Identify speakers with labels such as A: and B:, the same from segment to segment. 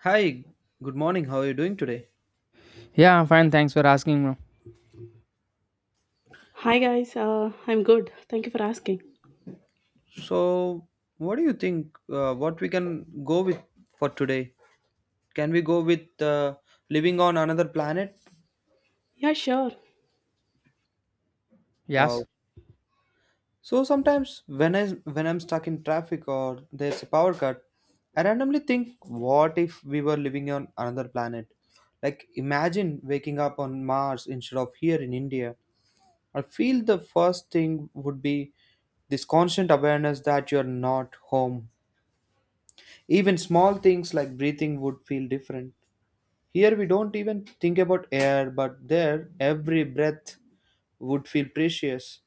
A: Hi, good morning. How are you doing today?
B: Yeah, I'm fine. Thanks for asking. Bro.
C: Hi guys, I'm good. Thank you for asking.
A: So, what do you think? What we can go with for today? Can we go with living on another planet?
C: Yeah, sure.
A: Wow.
B: Yes.
A: So sometimes when I'm stuck in traffic or there's a power cut, I randomly think, what if we were living on another planet? Like imagine waking up on Mars instead of here in India. I feel the first thing would be this constant awareness that you're not home. Even small things like breathing would feel different. Here we don't even think about air, but there every breath would feel precious.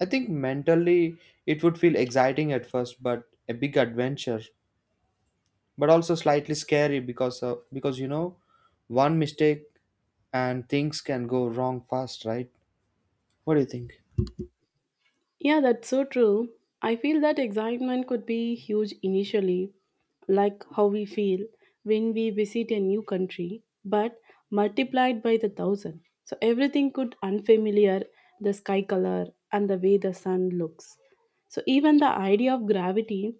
A: I think mentally it would feel exciting at first, but a big adventure, but also slightly scary because one mistake and things can go wrong fast, right? What do you think?
C: Yeah, that's so true. I feel that excitement could be huge initially, like how we feel when we visit a new country, but multiplied by the thousand. So everything could unfamiliar, the sky color and the way the sun looks. So even the idea of gravity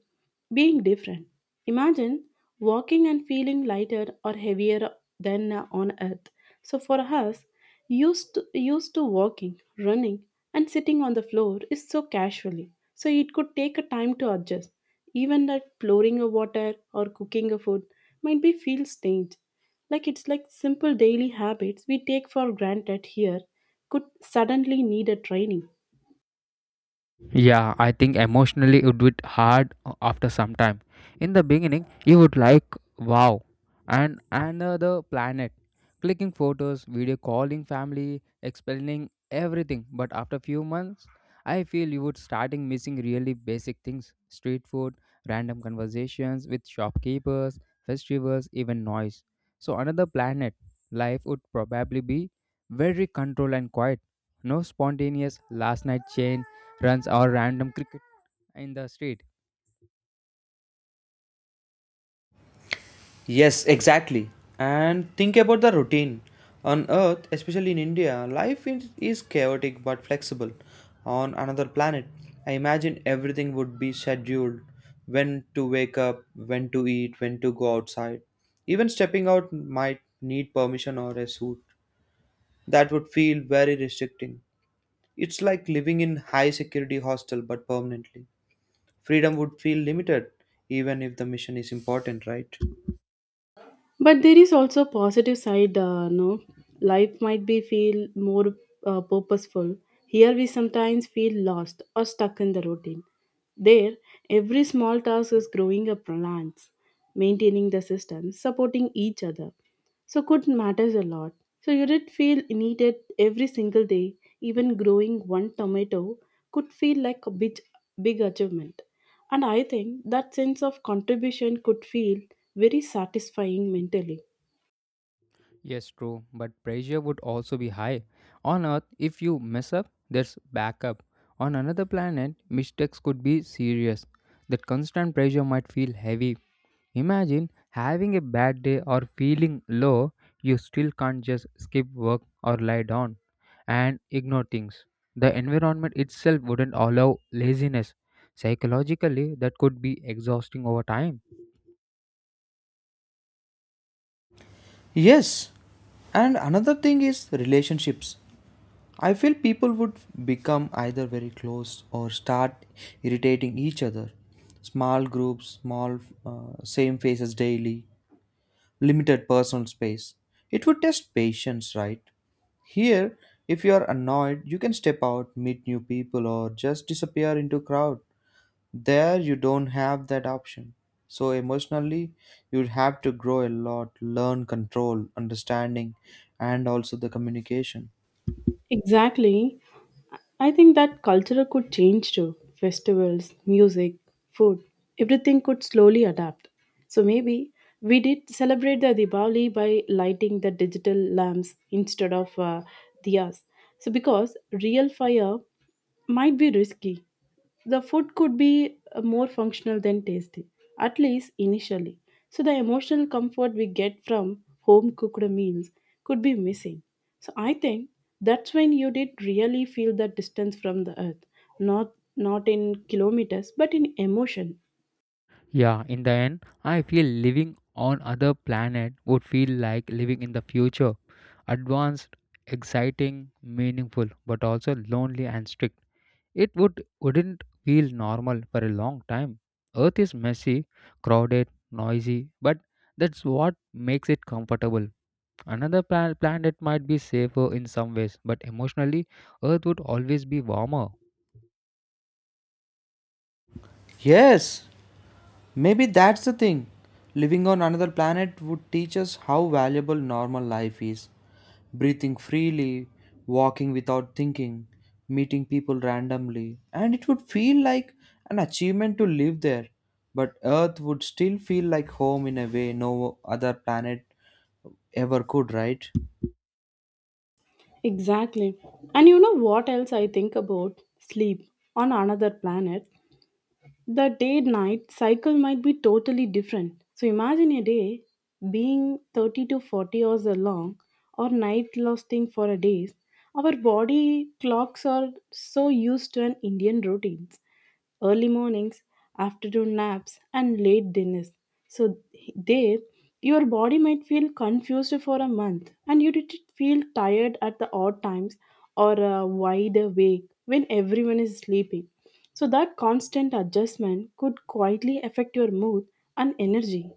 C: being different. Imagine walking and feeling lighter or heavier than on earth. So for us, used to walking, running and sitting on the floor is so casually, so it could take a time to adjust. Even that pouring a water or cooking a food might be feel strange. Like it's like simple daily habits we take for granted here could suddenly need a training.
B: Yeah, I think emotionally it would be hard after some time. In the beginning, you would like wow and another planet, clicking photos, video calling family, explaining everything. But after few months, I feel you would starting missing really basic things: street food, random conversations with shopkeepers, festivals, even noise. So another planet, life would probably be very controlled and quiet. No spontaneous last night change runs or random cricket in the street.
A: Yes, exactly. And think about the routine. On Earth, especially in India, life is chaotic but flexible. On another planet, I imagine everything would be scheduled, when to wake up, when to eat, when to go outside. Even stepping out might need permission or a suit. That would feel very restricting. It's like living in high security hostel but permanently. Freedom would feel limited even if the mission is important, right?
C: But there is also a positive side, no, life might be feel more purposeful. Here we sometimes feel lost or stuck in the routine. There every small task is growing a plants, maintaining the system, supporting each other, so could matters a lot. So you did feel needed every single day. Even growing one tomato could feel like a big achievement, and I think that sense of contribution could feel very satisfying mentally.
B: Yes, true, but pressure would also be high. On Earth, if you mess up, there's backup. On another planet, mistakes could be serious. That constant pressure might feel heavy. Imagine having a bad day or feeling low, you still can't just skip work or lie down and ignore things. The environment itself wouldn't allow laziness. Psychologically, that could be exhausting over time.
A: Yes, and another thing is relationships. I feel people would become either very close or start irritating each other. Small groups, same faces daily, limited personal space. It would test patience, right? Here, if you are annoyed, you can step out, meet new people, or just disappear into crowd. There you don't have that option. So emotionally, you'd have to grow a lot, learn control, understanding, and also the communication.
C: Exactly. I think that culture could change too. Festivals, music, food, everything could slowly adapt. So maybe we did celebrate the Diwali by lighting the digital lamps instead of diyas. So because real fire might be risky. The food could be, more functional than tasty, at least initially. So the emotional comfort we get from home cooked meals could be missing. So I think that's when you did really feel that distance from the earth, not in kilometers, but in emotion.
B: Yeah, in the end, I feel living on other planet would feel like living in the future. Advanced, exciting, meaningful, but also lonely and strict. It wouldn't feel normal for a long time. Earth is messy, crowded, noisy, but that's what makes it comfortable. Another planet might be safer in some ways, but emotionally, Earth would always be warmer.
A: Yes, maybe that's the thing. Living on another planet would teach us how valuable normal life is. Breathing freely, walking without thinking, meeting people randomly, and it would feel like an achievement to live there. But Earth would still feel like home in a way no other planet ever could, right?
C: Exactly. And you know what else I think about? Sleep on another planet. The day night cycle might be totally different. So imagine a day being 30 to 40 hours long, or night lasting for a days. Our body clocks are so used to an Indian routines, early mornings, afternoon naps and late dinners. So there your body might feel confused for a month, and you did feel tired at the odd times or wide awake when everyone is sleeping, so that constant adjustment could quietly affect your mood and energy.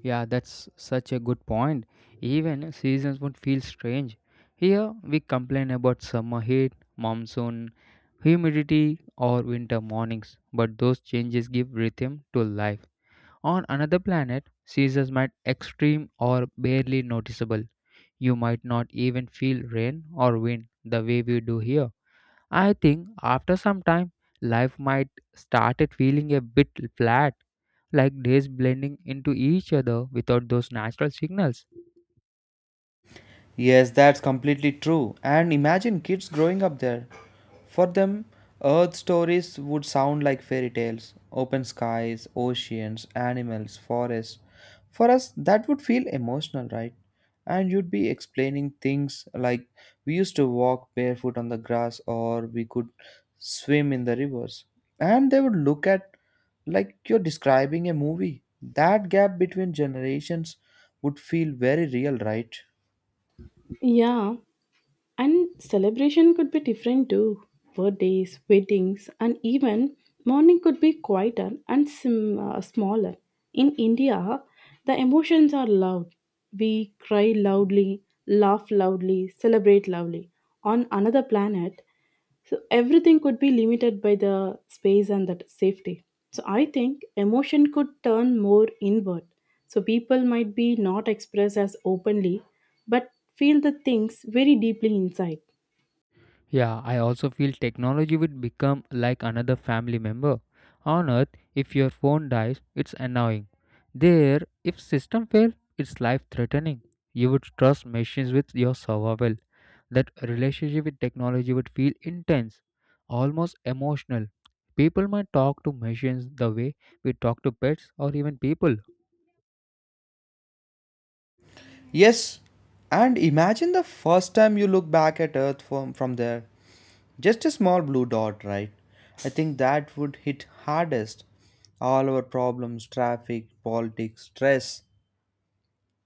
B: Yeah, that's such a good point. Even seasons would feel strange. Here we complain about summer heat, monsoon, humidity, or winter mornings, but those changes give rhythm to life. On another planet, seasons might extreme or barely noticeable. You might not even feel rain or wind the way we do here. I think after some time, life might started feeling a bit flat, like days blending into each other without those natural signals.
A: Yes, that's completely true. And imagine kids growing up there. For them, Earth stories would sound like fairy tales, open skies, oceans, animals, forests. For us, that would feel emotional, right? And you'd be explaining things like we used to walk barefoot on the grass or we could swim in the rivers. And they would look at like you're describing a movie. That gap between generations would feel very real, right?
C: Yeah, and celebration could be different too. Birthdays, weddings, and even mourning could be quieter and smaller. In India, the emotions are loud. We cry loudly, laugh loudly, celebrate loudly. On another planet, so everything could be limited by the space and that safety. So I think emotion could turn more inward. So people might be not expressed as openly, but feel the things very deeply inside.
B: Yeah, I also feel technology would become like another family member. On Earth, if your phone dies, it's annoying. There, if system fail, it's life threatening. You would trust machines with your survival. That relationship with technology would feel intense, almost emotional. People might talk to machines the way we talk to pets or even people.
A: Yes, and imagine the first time you look back at Earth from there. Just a small blue dot, right? I think that would hit hardest. All our problems, traffic, politics, stress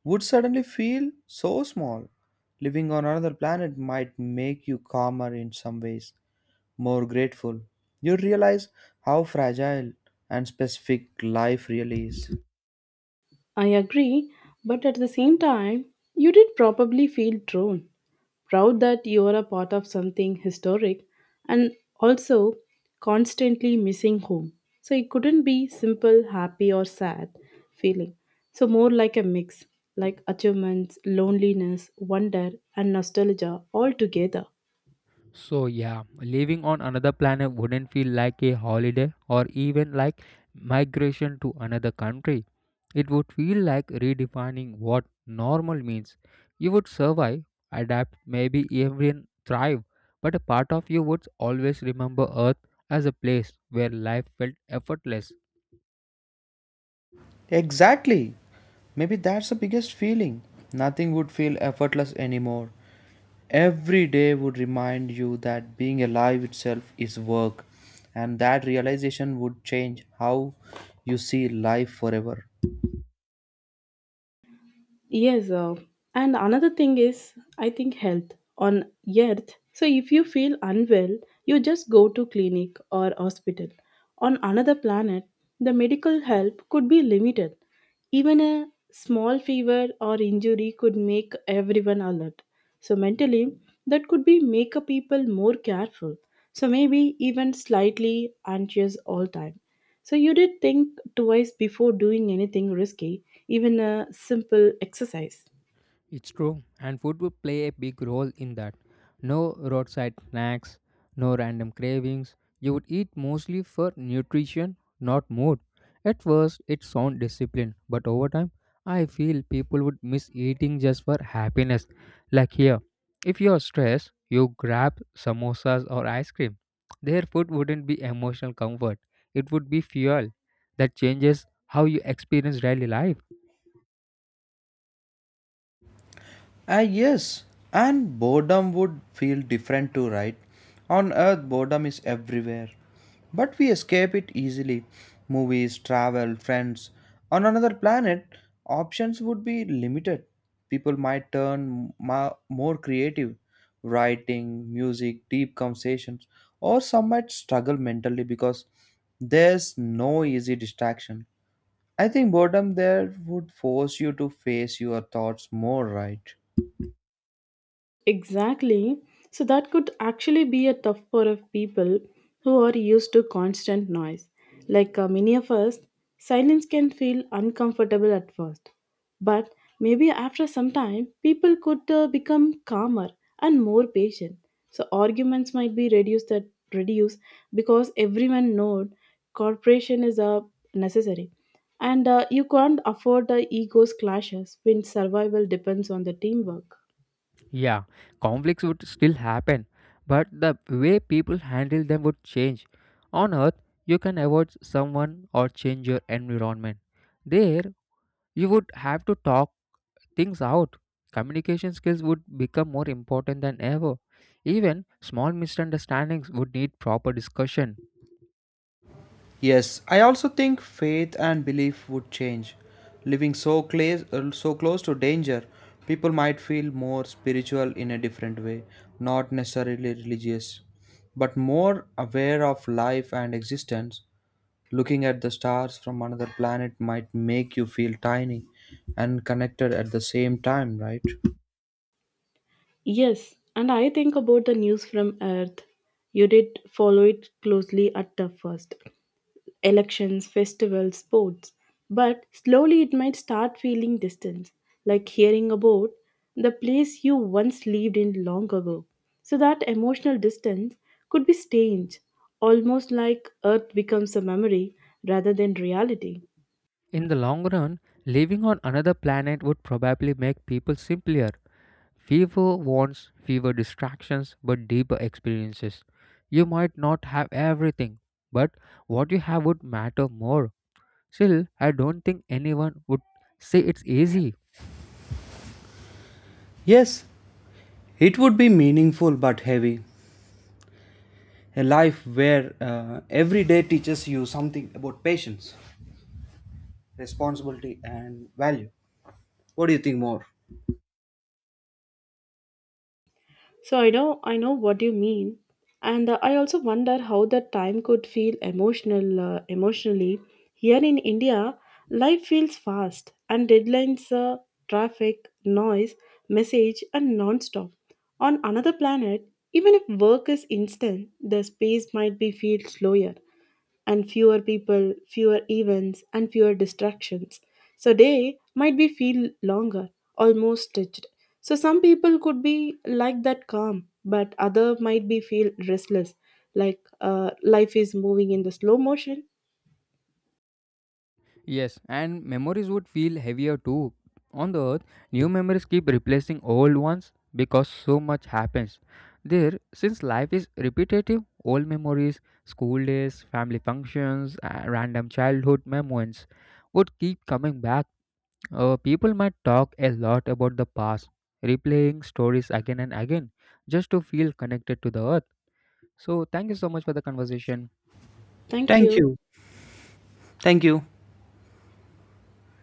A: would suddenly feel so small. Living on another planet might make you calmer in some ways, more grateful. You realize how fragile and specific life really is.
C: I agree, but at the same time, you did probably feel drawn, proud that you are a part of something historic, and also constantly missing home. So it couldn't be simple, happy, or sad feeling. So more like a mix, like achievements, loneliness, wonder, and nostalgia all together.
B: So, yeah, living on another planet wouldn't feel like a holiday or even like migration to another country. It would feel like redefining what normal means. You would survive, adapt, maybe even thrive, but a part of you would always remember Earth as a place where life felt effortless.
A: Exactly. Maybe that's the biggest feeling. Nothing would feel effortless anymore. Every day would remind you that being alive itself is work, and that realization would change how you see life forever.
C: Yes, and another thing is, I think health on earth. So if you feel unwell, you just go to clinic or hospital. On another planet, the medical help could be limited. Even a small fever or injury could make everyone alert. So mentally, that could be make a people more careful. So maybe even slightly anxious all time. So you did think twice before doing anything risky, even a simple exercise.
B: It's true, and food would play a big role in that. No roadside snacks, no random cravings. You would eat mostly for nutrition, not mood. At first, it sounds disciplined, but over time, I feel people would miss eating just for happiness. Like here, if you are stressed, you grab samosas or ice cream. Their food wouldn't be emotional comfort, it would be fuel that changes how you experience daily life.
A: Ah, yes, and boredom would feel different too, right? On Earth, boredom is everywhere, but we escape it easily. Movies, travel, friends. On another planet, options would be limited. People might turn more creative, writing, music, deep conversations, or some might struggle mentally because there's no easy distraction. I think boredom there would force you to face your thoughts more, right?
C: Exactly. So that could actually be a tough for of people who are used to constant noise. Like many of us, silence can feel uncomfortable at first. But maybe after some time, people could become calmer and more patient. So arguments might be reduce because everyone knows cooperation is necessary. And you can't afford the ego's clashes when survival depends on the teamwork.
B: Yeah, conflicts would still happen, but the way people handle them would change. On Earth, you can avoid someone or change your environment. There, you would have to talk things out. Communication skills would become more important than ever. Even small misunderstandings would need proper discussion.
A: Yes, I also think faith and belief would change. Living so close to danger, people might feel more spiritual in a different way, not necessarily religious, but more aware of life and existence. Looking at the stars from another planet might make you feel tiny and connected at the same time, right?
C: Yes, and I think about the news from Earth. You did follow it closely at the first elections, festivals, sports. But slowly it might start feeling distant, like hearing about the place you once lived in long ago. So that emotional distance could be strange, almost like Earth becomes a memory rather than reality.
B: In the long run, living on another planet would probably make people simpler. Fever wants fewer distractions but deeper experiences. You might not have everything, but what you have would matter more. Still, I don't think anyone would say it's easy.
A: Yes, it would be meaningful but heavy. A life where every day teaches you something about patience, responsibility and value. What do you think more?
C: So I know what you mean, and I also wonder how that time could feel emotionally. Here in India, life feels fast and deadlines, traffic, noise, message, and non-stop. On another planet, even if work is instant, the space might be feel slower and fewer people, fewer events, and fewer distractions. So day might be feel longer, almost stitched. So some people could be like that calm, but other might be feel restless, like life is moving in the slow motion.
B: Yes, and memories would feel heavier too. On the earth, new memories keep replacing old ones because so much happens. There, since life is repetitive, old memories, school days, family functions, random childhood moments would keep coming back. People might talk a lot about the past, replaying stories again and again just to feel connected to the earth. So, thank you so much for the conversation.
C: Thank
A: Thank
C: you.
A: you. Thank you.